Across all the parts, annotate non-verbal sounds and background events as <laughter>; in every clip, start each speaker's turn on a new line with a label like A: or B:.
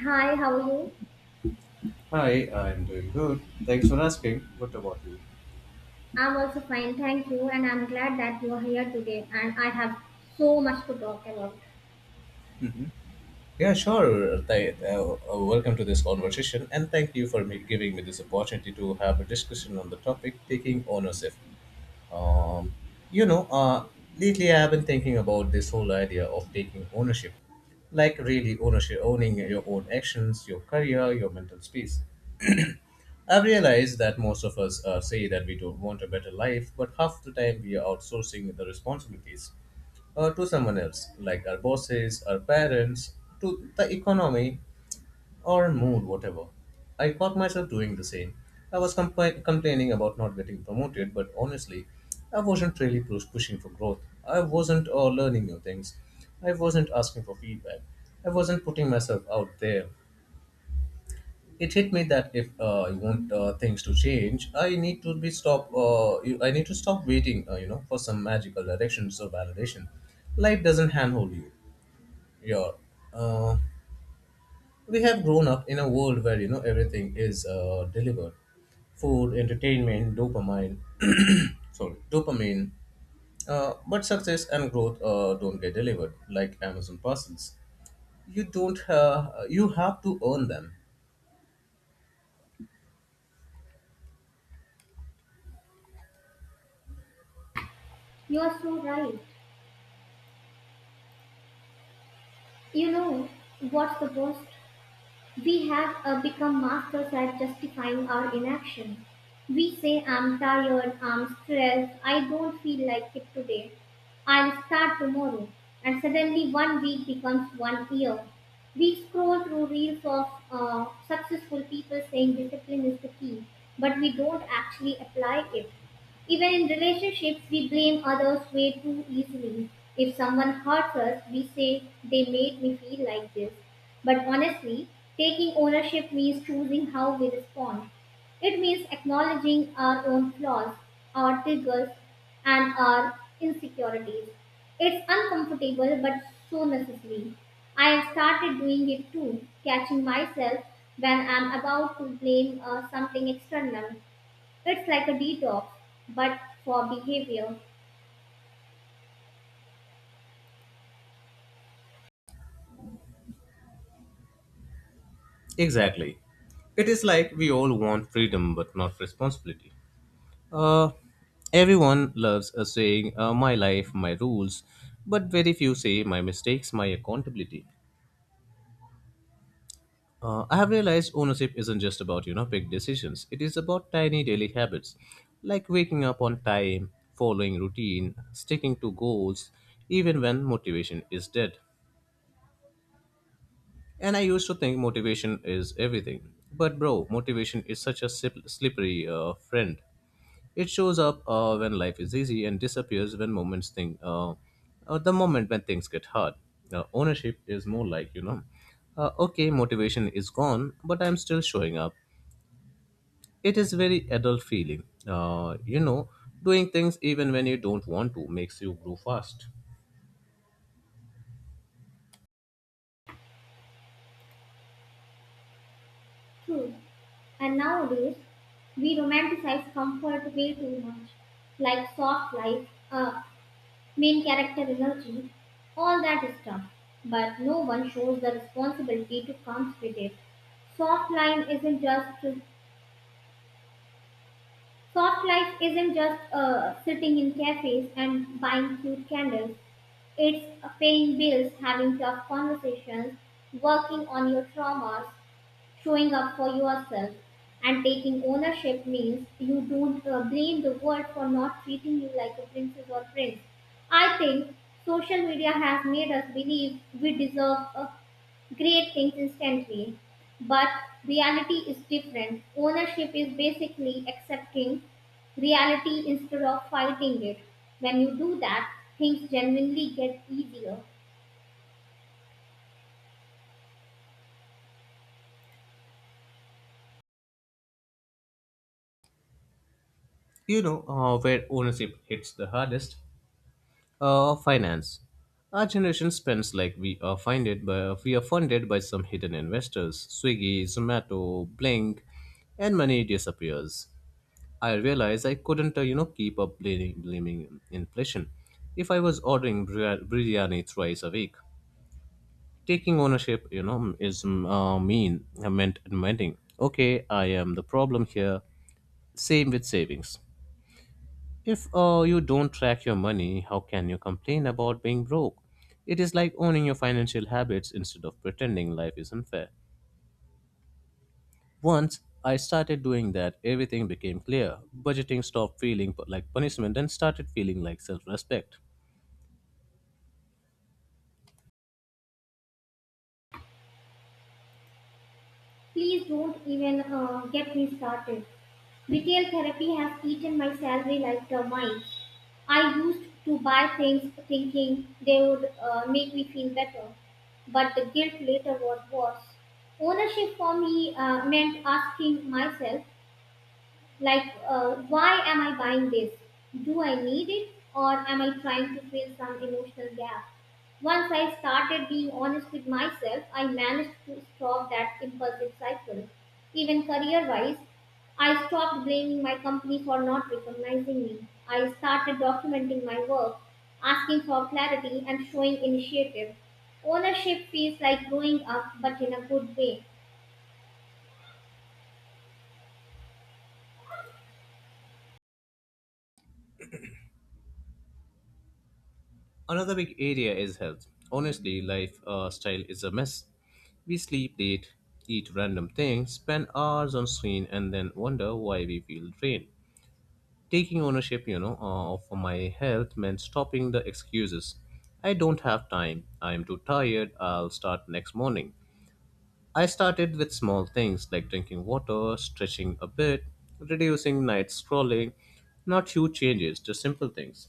A: Hi, how are you?
B: Hi, I'm doing good. Thanks for asking. What about you?
A: I'm also fine, thank you, and I'm glad that you are here today and I have so much to talk about.
B: Yeah, sure. Welcome to this conversation, and thank you for me giving me this opportunity to have a discussion on the topic taking ownership. Um, you know, uh, Lately I have been thinking about this whole idea of taking ownership, like really ownership, owning your own actions, your career, your mental space. I've realized that most of us say that we don't want a better life, but half the time we are outsourcing the responsibilities to someone else, like our bosses, our parents, to the economy, or mood, whatever. I caught myself doing the same. I was complaining about not getting promoted, but honestly, I wasn't really pushing for growth. I wasn't learning new things. I wasn't asking for feedback. I wasn't putting myself out there. It hit me that if I want things to change, I need to be stop. I need to stop waiting, for some magical directions or validation. Life doesn't handhold you. You're, uh, we have grown up in a world where you know everything is delivered: food, entertainment, dopamine. <clears throat> Sorry, dopamine. But success and growth don't get delivered like Amazon parcels. You don't. You have to earn them.
A: You are so right. You know, what's the worst we have become masters at justifying our inaction. We say, I'm tired, I'm stressed, I don't feel like it today, I'll start tomorrow. And suddenly one week becomes one year. We scroll through reels of successful people saying discipline is the key, but we don't actually apply it. Even in relationships, we blame others way too easily. If someone hurts us, we say, they made me feel like this. But honestly, taking ownership means choosing how we respond. It means acknowledging our own flaws, our triggers, and our insecurities. It's uncomfortable but so necessary. I have started doing it too, catching myself when I'm about to blame something external. It's like a detox, but for behavior.
B: Exactly. It is like we all want freedom but not responsibility. Uh, Everyone loves saying, my life, my rules, but very few say, my mistakes, my accountability. I have realized ownership isn't just about, you know, big decisions. It is about tiny daily habits, like waking up on time, following routine, sticking to goals, even when motivation is dead. And I used to think motivation is everything. But bro, motivation is such a slippery friend. It shows up when life is easy and disappears when moments think, the moment when things get hard. Ownership is more like, you know, okay, motivation is gone, but I'm still showing up. It is very adult feeling. You know, doing things even when you don't want to makes you grow fast.
A: True. And nowadays, we romanticize comfort way too much, like soft life, main character energy, all that stuff. But no one shows the responsibility to comes with it. Soft life isn't just Soft life isn't just sitting in cafes and buying cute candles. It's paying bills, having tough conversations, working on your traumas, showing up for yourself and taking ownership means you don't blame the world for not treating you like a princess or prince. I think social media has made us believe we deserve great things instantly. But reality is different. Ownership is basically accepting reality instead of fighting it. When you do that, things genuinely get easier.
B: You know, where ownership hits the hardest. Finance. Our generation spends like we are funded by some hidden investors, Swiggy, Zomato, Blink, and money disappears. I realized I couldn't, keep up blaming inflation. If I was ordering biryani thrice a week, taking ownership, you know, is mm, mean. I meant admitting, okay, I am the problem here. Same with savings. If you don't track your money, how can you complain about being broke? It is like owning your financial habits instead of pretending life is unfair. Once I started doing that, everything became clear. Budgeting stopped feeling like punishment and started feeling like self respect.
A: Please don't even get me started. Retail therapy has eaten my salary like termites. I used to buy things thinking they would make me feel better, but the guilt later was worse. Ownership for me meant asking myself, like, why am I buying this? Do I need it? Or am I trying to fill some emotional gap? Once I started being honest with myself, I managed to stop that impulsive cycle. Even career wise, I stopped blaming my company for not recognizing me. I started documenting my work, asking for clarity, and showing initiative. Ownership feels like growing up, but in a good way.
B: Another big area is health. Honestly, life style is a mess. We sleep late, eat random things, spend hours on screen, and then wonder why we feel drained. Taking ownership, of my health meant stopping the excuses. I don't have time. I am too tired. I'll start next morning. I started with small things like drinking water, stretching a bit, reducing night scrolling. Not huge changes, just simple things.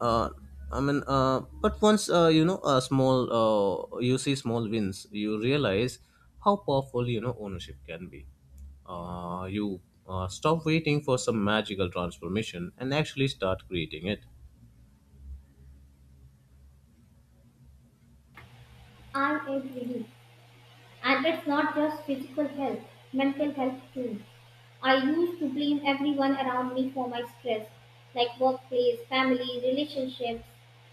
B: uh, but once you know a you see small wins, you realize how powerful you know ownership can be. You Stop waiting for some magical transformation and actually start creating it.
A: I agree. And it's not just physical health, mental health too. I used to blame everyone around me for my stress, like workplace, family, relationships.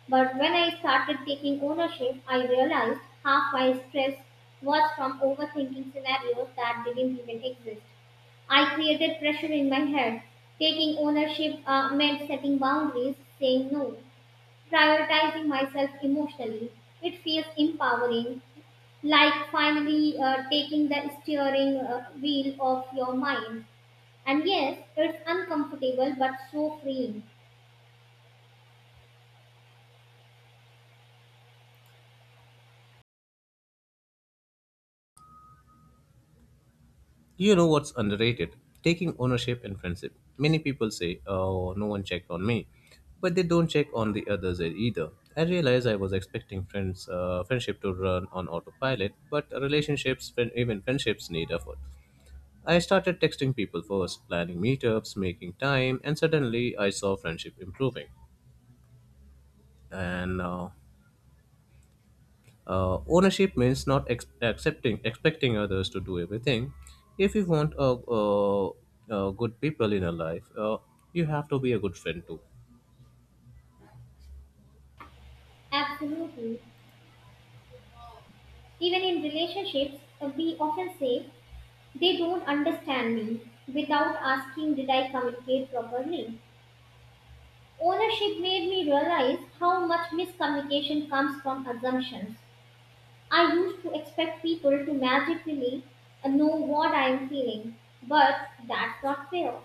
A: But when I started taking ownership, I realized half my stress was from overthinking scenarios that didn't even exist. I created pressure in my head. Taking ownership meant setting boundaries, saying no, prioritizing myself emotionally. It feels empowering, like finally taking the steering wheel of your mind. And yes, it's uncomfortable but so freeing.
B: You know what's underrated? Taking ownership in friendship. Many people say, "Oh, no one checked on me," but they don't check on the others either. I realized I was expecting friendship to run on autopilot, but relationships, even friendships, need effort. I started texting people first, planning meetups, making time, and suddenly I saw friendship improving. And Ownership means not expecting others to do everything. If you want good people in your life, you have to be a good friend too.
A: Absolutely. Even in relationships, we often say, they don't understand me without asking, did I communicate properly? Ownership made me realize how much miscommunication comes from assumptions. I used to expect people to magically know what I am feeling, but that's not fair.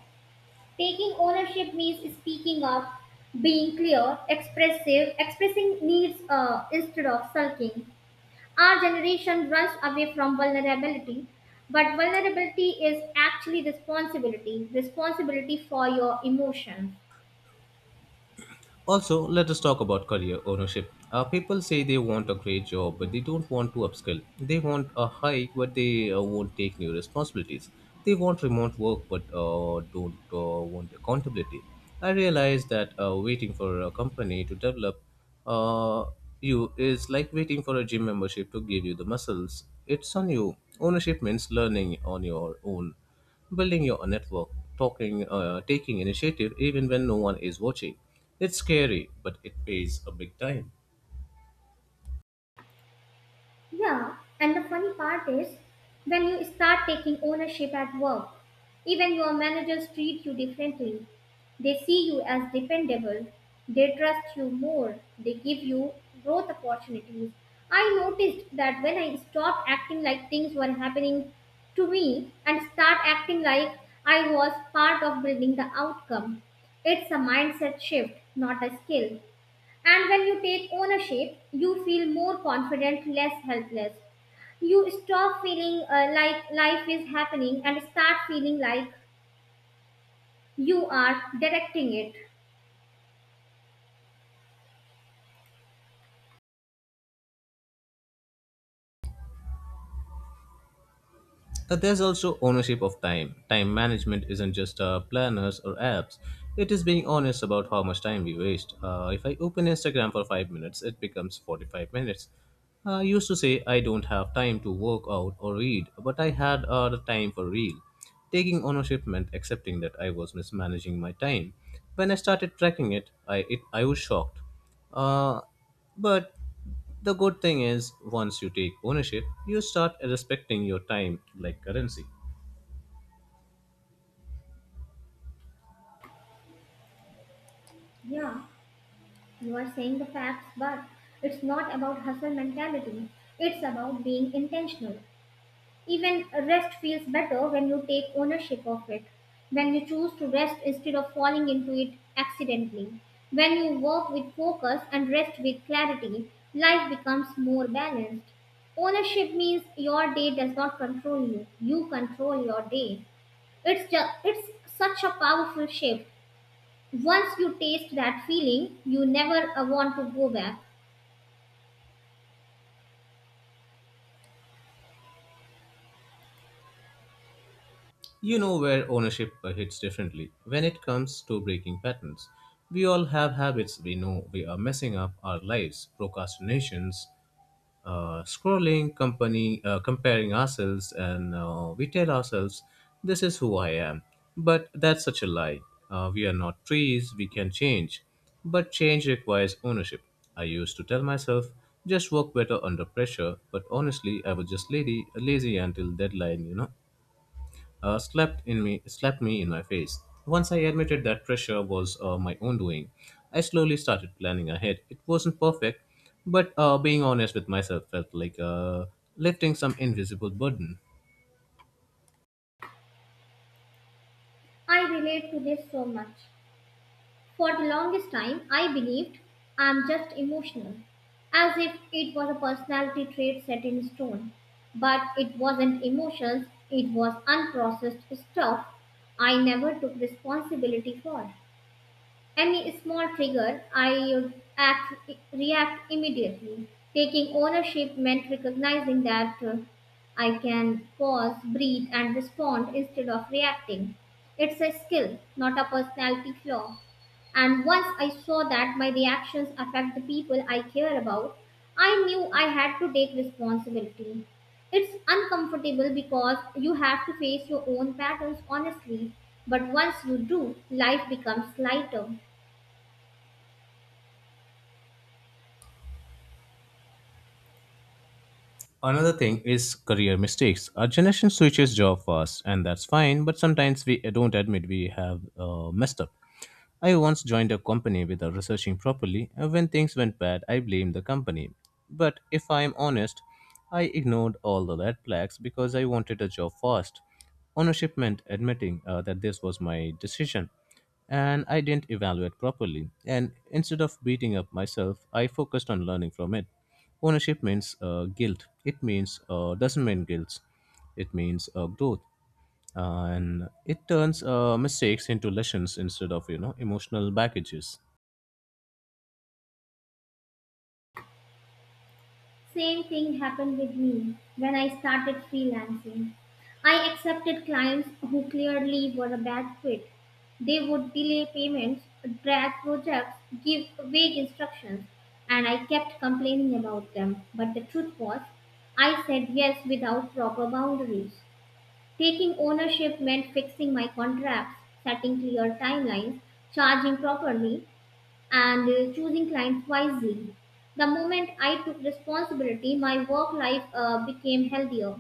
A: Taking ownership means speaking up, being clear, expressive, expressing needs instead of sulking. Our generation runs away from vulnerability, but vulnerability is actually responsibility for your emotions.
B: Also, let us talk about career ownership. People say they want a great job, but they don't want to upskill. They want a hike, but they won't take new responsibilities. They want remote work, but don't want accountability. I realized that waiting for a company to develop uh, you is like waiting for a gym membership to give you the muscles. It's on you. Ownership means learning on your own, building your network, taking initiative even when no one is watching. It's scary, but it pays a big time.
A: Yeah, and the funny part is when you start taking ownership at work, even your managers treat you differently. They see you as dependable, they trust you more, they give you growth opportunities. I noticed that when I stopped acting like things were happening to me and start acting like I was part of building the outcome, it's a mindset shift, not a skill. And when you take ownership, you feel more confident, less helpless. You stop feeling like life is happening and start feeling like you are directing it.
B: There's also ownership of time. Time management isn't just planners or apps. It is being honest about how much time we waste. If I open Instagram for 5 minutes, it becomes 45 minutes. I used to say I don't have time to work out or read, but I had the time for real. Taking ownership meant accepting that I was mismanaging my time. When I started tracking it, I was shocked. Uh, but the good thing is, once you take ownership, you start respecting your time like currency.
A: Yeah, you are saying the facts, but it's not about hustle mentality. It's about being intentional. Even rest feels better when you take ownership of it, when you choose to rest instead of falling into it accidentally. When you work with focus and rest with clarity, life becomes more balanced. Ownership means your day does not control you, you control your day. It's such a powerful shift. Once you taste that feeling, you never want to go back.
B: You know where ownership hits differently when it comes to breaking patterns. We all have habits we know we are messing up our lives, procrastinations, scrolling, comparing ourselves, and we tell ourselves, "This is who I am." But that's such a lie. We are not trees; we can change. But change requires ownership. I used to tell myself, "Just work better under pressure," but honestly, I was just lazy until deadline. You know slapped me in my face. Once I admitted that pressure was my own doing, I slowly started planning ahead. It wasn't perfect, but being honest with myself felt like lifting some invisible burden.
A: I relate to this so much. For the longest time, I believed I'm just emotional, as if it was a personality trait set in stone. But it wasn't emotions, it was unprocessed stuff I never took responsibility for. Any small trigger, react immediately. Taking ownership meant recognizing that I can pause, breathe, and respond instead of reacting. It's a skill, not a personality flaw. And once I saw that my reactions affect the people I care about, I knew I had to take responsibility. It's uncomfortable because you have to face your own patterns honestly, but once you do, life becomes lighter.
B: Another thing is career mistakes. Our generation switches job fast, and that's fine, but sometimes we don't admit we have messed up. I once joined a company without researching properly, and when things went bad, I blamed the company. But if I'm honest, I ignored all the red flags because I wanted a job fast. Ownership meant admitting that this was my decision, and I didn't evaluate properly. And instead of beating up myself, I focused on learning from it. Ownership means guilt. It means doesn't mean guilt. It means growth, and it turns mistakes into lessons instead of you know emotional baggages.
A: Same thing happened with me when I started freelancing. I accepted clients who clearly were a bad fit. They would delay payments, drag projects, give vague instructions, and I kept complaining about them. But the truth was, I said yes without proper boundaries. Taking ownership meant fixing my contracts, setting clear timelines, charging properly, and choosing clients wisely. The moment I took responsibility, my work life became healthier.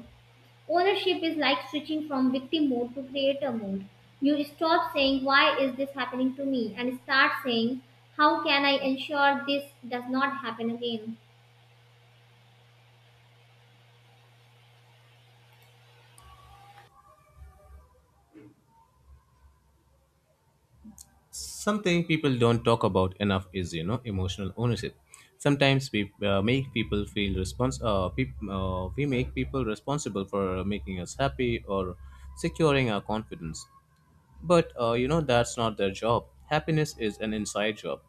A: Ownership is like switching from victim mode to creator mode. You stop saying, why is this happening to me? And start saying, how can I ensure this does not happen again?
B: Something people don't talk about enough is you know emotional ownership. Sometimes we make people feel respons- peop we make people responsible for making us happy or securing our confidence. But you know that's not their job. Happiness is an inside job.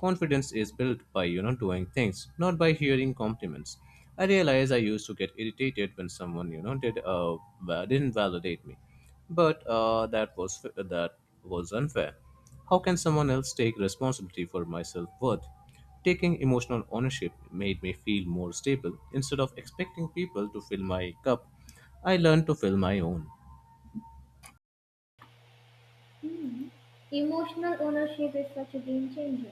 B: Confidence is built by you know doing things, not by hearing compliments. I realize I used to get irritated when someone you know didn't validate me, but that was unfair. How can someone else take responsibility for my self worth? Taking emotional ownership made me feel more stable. Instead of expecting people to fill my cup, I learned to fill my own.
A: Hmm. Emotional ownership is such a game changer.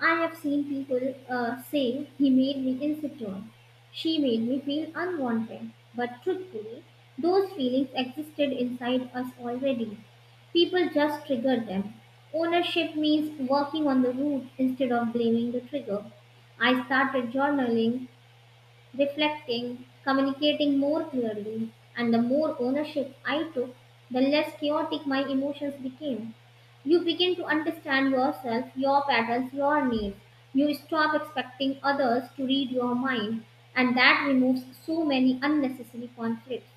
A: I have seen people say he made me insecure. She made me feel unwanted. But truthfully, those feelings existed inside us already. People just triggered them. Ownership means working on the root instead of blaming the trigger. I started journaling reflecting, communicating more clearly, and the more ownership I took, the less chaotic my emotions became. You begin to understand yourself, your patterns, your needs. You stop expecting others to read your mind, and that removes so many unnecessary conflicts.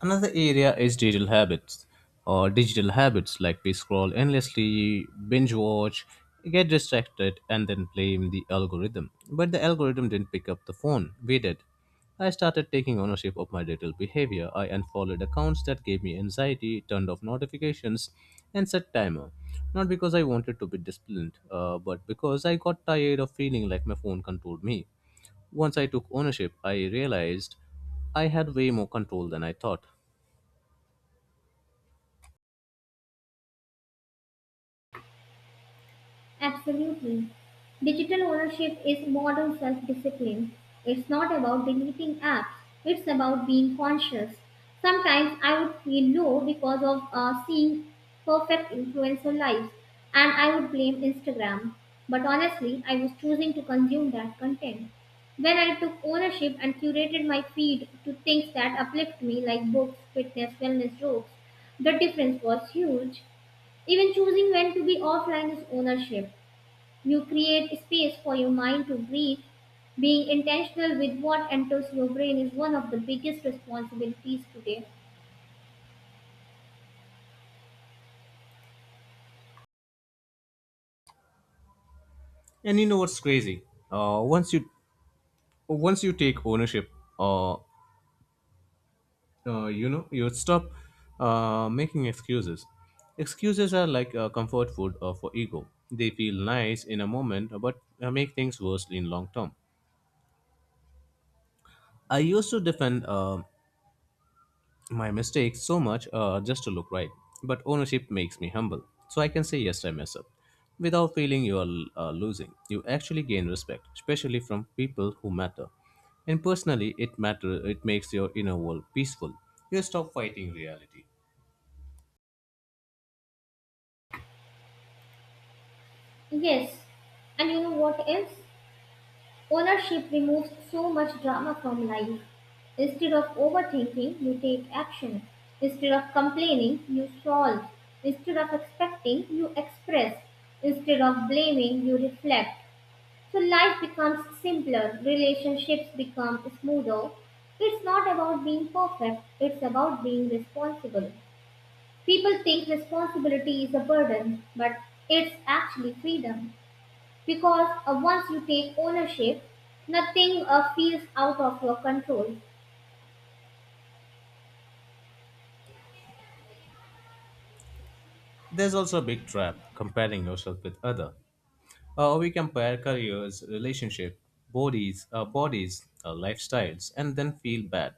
B: Another area is digital habits like we scroll endlessly, binge watch, get distracted, and then blame the algorithm. But the algorithm didn't pick up the phone, we did. I started taking ownership of my digital behavior. I unfollowed accounts that gave me anxiety, turned off notifications, and set timer. Not because I wanted to be disciplined, but because I got tired of feeling like my phone controlled me. Once I took ownership, I realized I had way more control than I thought.
A: Absolutely. Digital ownership is modern self discipline. It's not about deleting apps, it's about being conscious. Sometimes I would feel low because of seeing perfect influencer lives, and I would blame Instagram. But honestly, I was choosing to consume that content. When I took ownership and curated my feed to things that uplift me, like books, fitness, wellness jokes, the difference was huge. Even choosing when to be offline is ownership. You create space for your mind to breathe. Being intentional with what enters your brain is one of the biggest responsibilities today.
B: And you know what's crazy? Uh, once you Once you take ownership, uh, you know you stop making excuses. Excuses are like comfort food for ego. They feel nice in a moment, but make things worse in long term. I used to defend my mistakes so much just to look right. But ownership makes me humble, so I can say yes, I mess up. Without feeling you are losing, you actually gain respect, especially from people who matter. And personally, it matter. It makes your inner world peaceful. You stop fighting reality.
A: Yes, and you know what else? Ownership removes so much drama from life. Instead of overthinking, you take action. Instead of complaining, you solve. Instead of expecting, you express. Instead of blaming, you reflect. So life becomes simpler, relationships become smoother. It's not about being perfect, it's about being responsible. People think responsibility is a burden, but it's actually freedom. Because once you take ownership, nothing feels out of your control.
B: There's also a big trap comparing yourself with other. We compare careers, relationship, bodies, lifestyles, and then feel bad.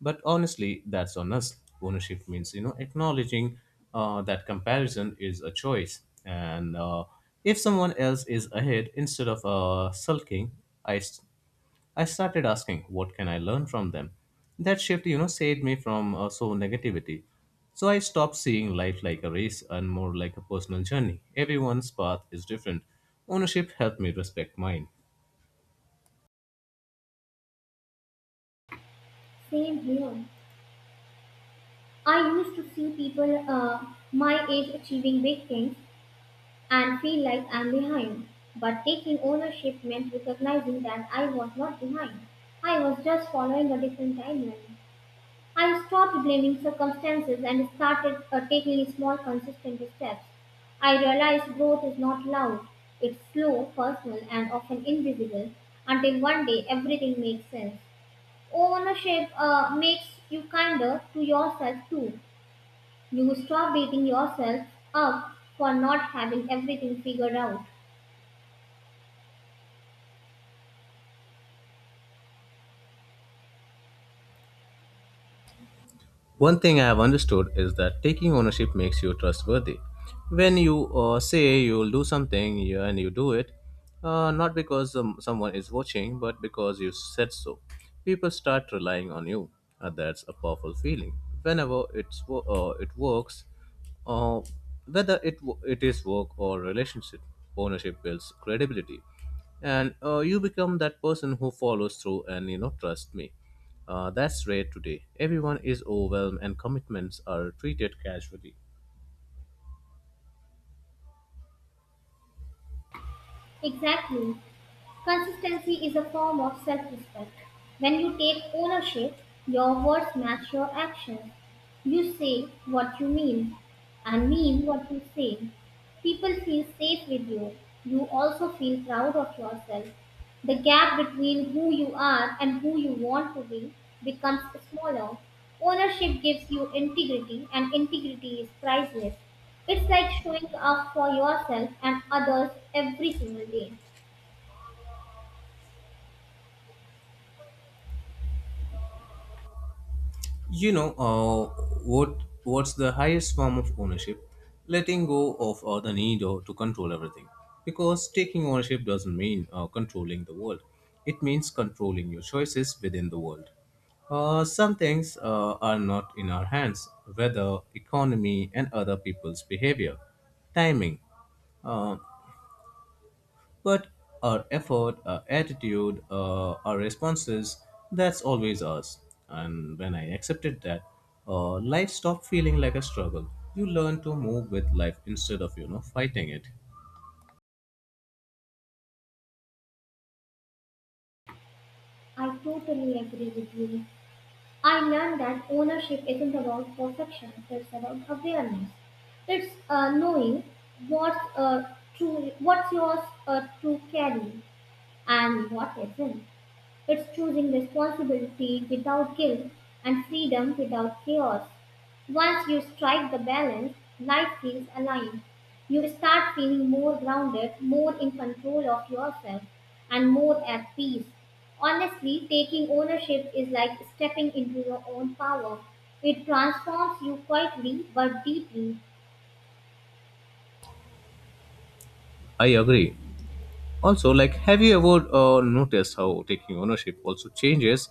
B: But honestly, that's on us. Ownership means you know acknowledging that comparison is a choice, and if someone else is ahead, instead of sulking, I s- I started asking, what can I learn from them? That shift, you know, saved me from so negativity. So I stopped seeing life like a race and more like a personal journey. Everyone's path is different. Ownership helped me respect mine.
A: Same here. I used to see people my age achieving big things, and feel like I'm behind. But taking ownership meant recognizing that I was not behind. I was just following a different timeline. I stopped blaming circumstances and started taking small, consistent steps. I realized growth is not loud, it's slow, personal, and often invisible until one day everything makes sense. Ownership makes you kinder to yourself too. You stop beating yourself up for not having everything figured out.
B: One thing I have understood is that taking ownership makes you trustworthy. When you say you'll do something and you do it, not because someone is watching, but because you said so, people start relying on you. That's a powerful feeling. Whenever it works, uh, whether it is work or relationship, ownership builds credibility. And you become that person who follows through and, you know, trust me. That's rare today. Everyone is overwhelmed and commitments are treated casually.
A: Exactly. Consistency is a form of self respect. When you take ownership, your words match your actions. You say what you mean and mean what you say. People feel safe with you. You also feel proud of yourself. The gap between who you are and who you want to be becomes smaller. Ownership gives you integrity, and integrity is priceless. It's like showing up for yourself and others every single day.
B: You know, what's the highest form of ownership? Letting go of the need or to control everything. Because taking ownership doesn't mean controlling the world. It means controlling your choices within the world. Some things are not in our hands, weather, economy, and other people's behavior. Timing. Uh, but our effort, our attitude, our responses, that's always us. And when I accepted that, life stopped feeling like a struggle. You learn to move with life instead of, you know, fighting it.
A: I totally agree with you. I learned that ownership isn't about perfection, it's about awareness. It's knowing what's true, what's yours to carry and what isn't. It's choosing responsibility without guilt and freedom without chaos. Once you strike the balance, life feels aligned. You start feeling more grounded, more in control of yourself, and more at peace. Honestly, taking ownership is like stepping into your own power. It transforms you quietly but deeply.
B: I agree. Also, like, have you ever noticed how taking ownership also changes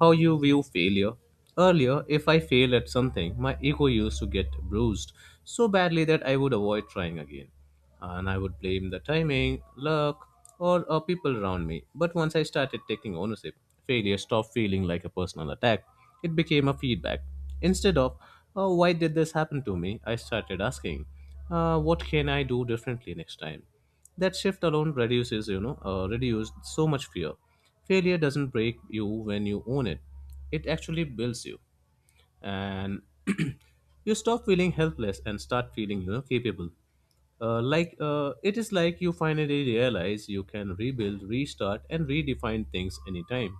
B: how you view failure? Earlier, if I failed at something, my ego used to get bruised so badly that I would avoid trying again. And I would blame the timing, luck, or people around me. But once I started taking ownership, failure stopped feeling like a personal attack. It became a feedback. Instead of, oh, why did this happen to me? I started asking, what can I do differently next time? That shift alone reduces you know reduced so much fear. Failure doesn't break you when you own it, it actually builds you, and <clears throat> you stop feeling helpless and start feeling, you know, capable. It is like you finally realize you can rebuild, restart, and redefine things anytime.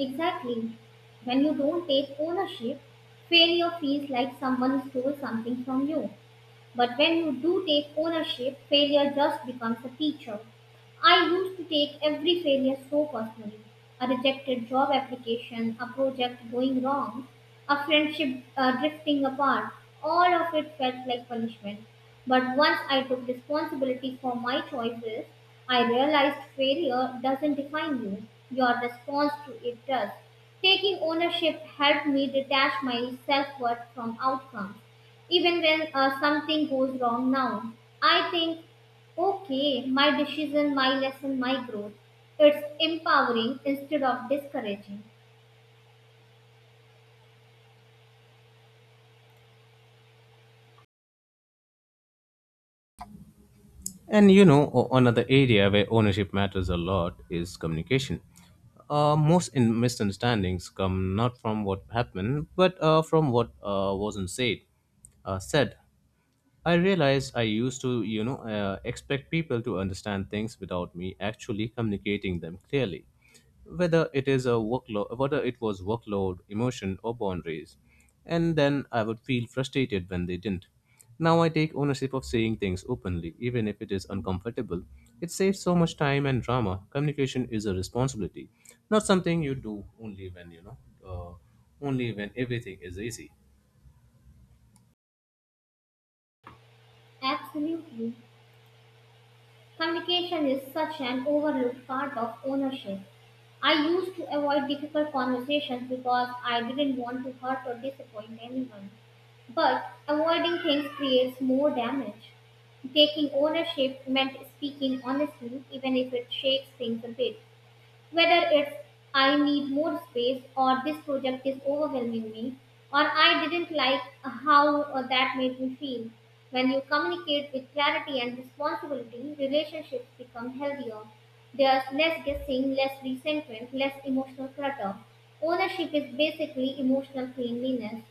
A: Exactly. When you don't take ownership, failure feels like someone stole something from you. But when you do take ownership, failure just becomes a teacher. I used to take every failure so personally, a rejected job application, a project going wrong, a friendship drifting apart. All of it felt like punishment. But once I took responsibility for my choices, I realized failure doesn't define you, your response to it does. Taking ownership helped me detach my self worth from outcomes. Even when something goes wrong now, I think, okay, my decision, my lesson, my growth. It's empowering instead of discouraging.
B: And, you know, another area where ownership matters a lot is communication. Most in misunderstandings come not from what happened, but from what wasn't said. Uh, said. I realized I used to, you know, expect people to understand things without me actually communicating them clearly, whether it was workload, emotion, or boundaries. And then I would feel frustrated when they didn't. Now I take ownership of saying things openly, even if it is uncomfortable. It saves so much time and drama. Communication is a responsibility, not something you do only only when everything is easy.
A: Absolutely. Communication is such an overlooked part of ownership. I used to avoid difficult conversations because I didn't want to hurt or disappoint anyone. But avoiding things creates more damage. Taking ownership meant speaking honestly, even if it shakes things a bit. Whether it's I need more space, or this project is overwhelming me, or I didn't like how that made me feel. When you communicate with clarity and responsibility, relationships become healthier. There's less guessing, less resentment, less emotional clutter. Ownership is basically emotional cleanliness.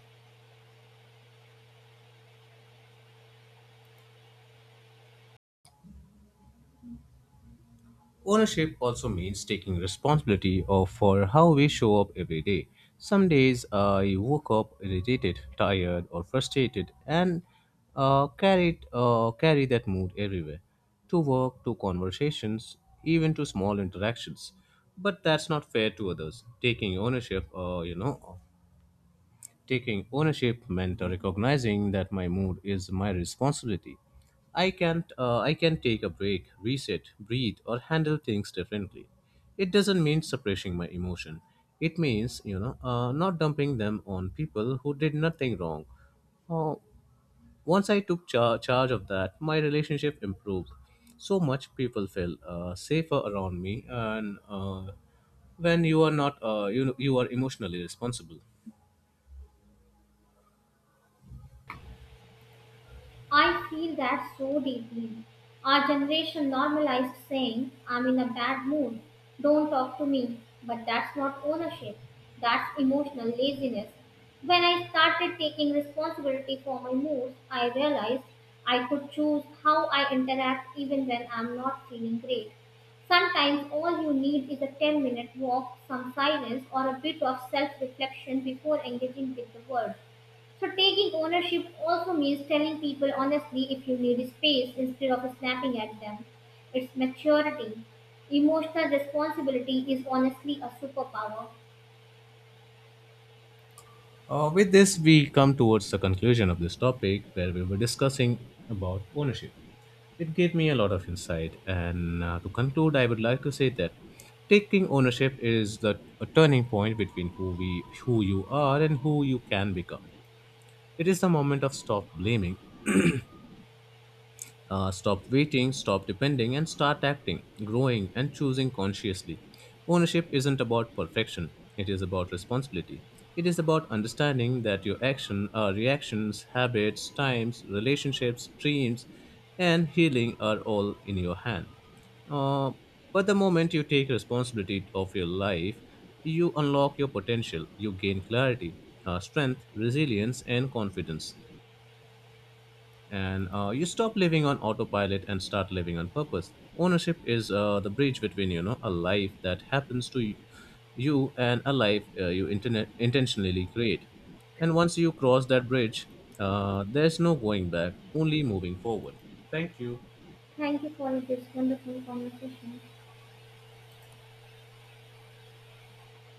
B: Ownership also means taking responsibility of for how we show up every day. Some days I woke up irritated, tired, or frustrated, and carried carry that mood everywhere, to work, to conversations, even to small interactions. But that's not fair to others. Taking ownership meant recognizing that my mood is my responsibility. I can't I can take a break, reset, breathe, or handle things differently. It doesn't mean suppressing my emotion. It means, you know, not dumping them on people who did nothing wrong. Uh, once I took charge of that, my relationship improved. So much people feel safer around me. And when you are not you you are emotionally responsible.
A: I feel that so deeply. Our generation normalized saying, I'm in a bad mood, don't talk to me. But that's not ownership, that's emotional laziness. When I started taking responsibility for my moods, I realized I could choose how I interact even when I'm not feeling great. Sometimes all you need is a 10-minute walk, some silence, or a bit of self reflection before engaging with the world. So taking ownership also means telling people honestly if you need space instead of snapping at them. It's maturity. Emotional responsibility is honestly a superpower.
B: With this, we come towards the conclusion of this topic where we were discussing about ownership. It gave me a lot of insight, and to conclude, I would like to say that taking ownership is the a turning point between who you are, and who you can become. It is the moment of stop blaming, stop waiting, stop depending, and start acting, growing, and choosing consciously. Ownership isn't about perfection, it is about responsibility. It is about understanding that your reactions, habits, times, relationships, dreams, and healing are all in your hand. Uh, but the moment you take responsibility of your life, you unlock your potential, you gain clarity, strength, resilience, and confidence, and you stop living on autopilot and start living on purpose. Ownership is the bridge between, you know, a life that happens to you and a life you intentionally create. And once you cross that bridge, there's no going back, only moving forward. Thank you.
A: Thank you for this wonderful conversation.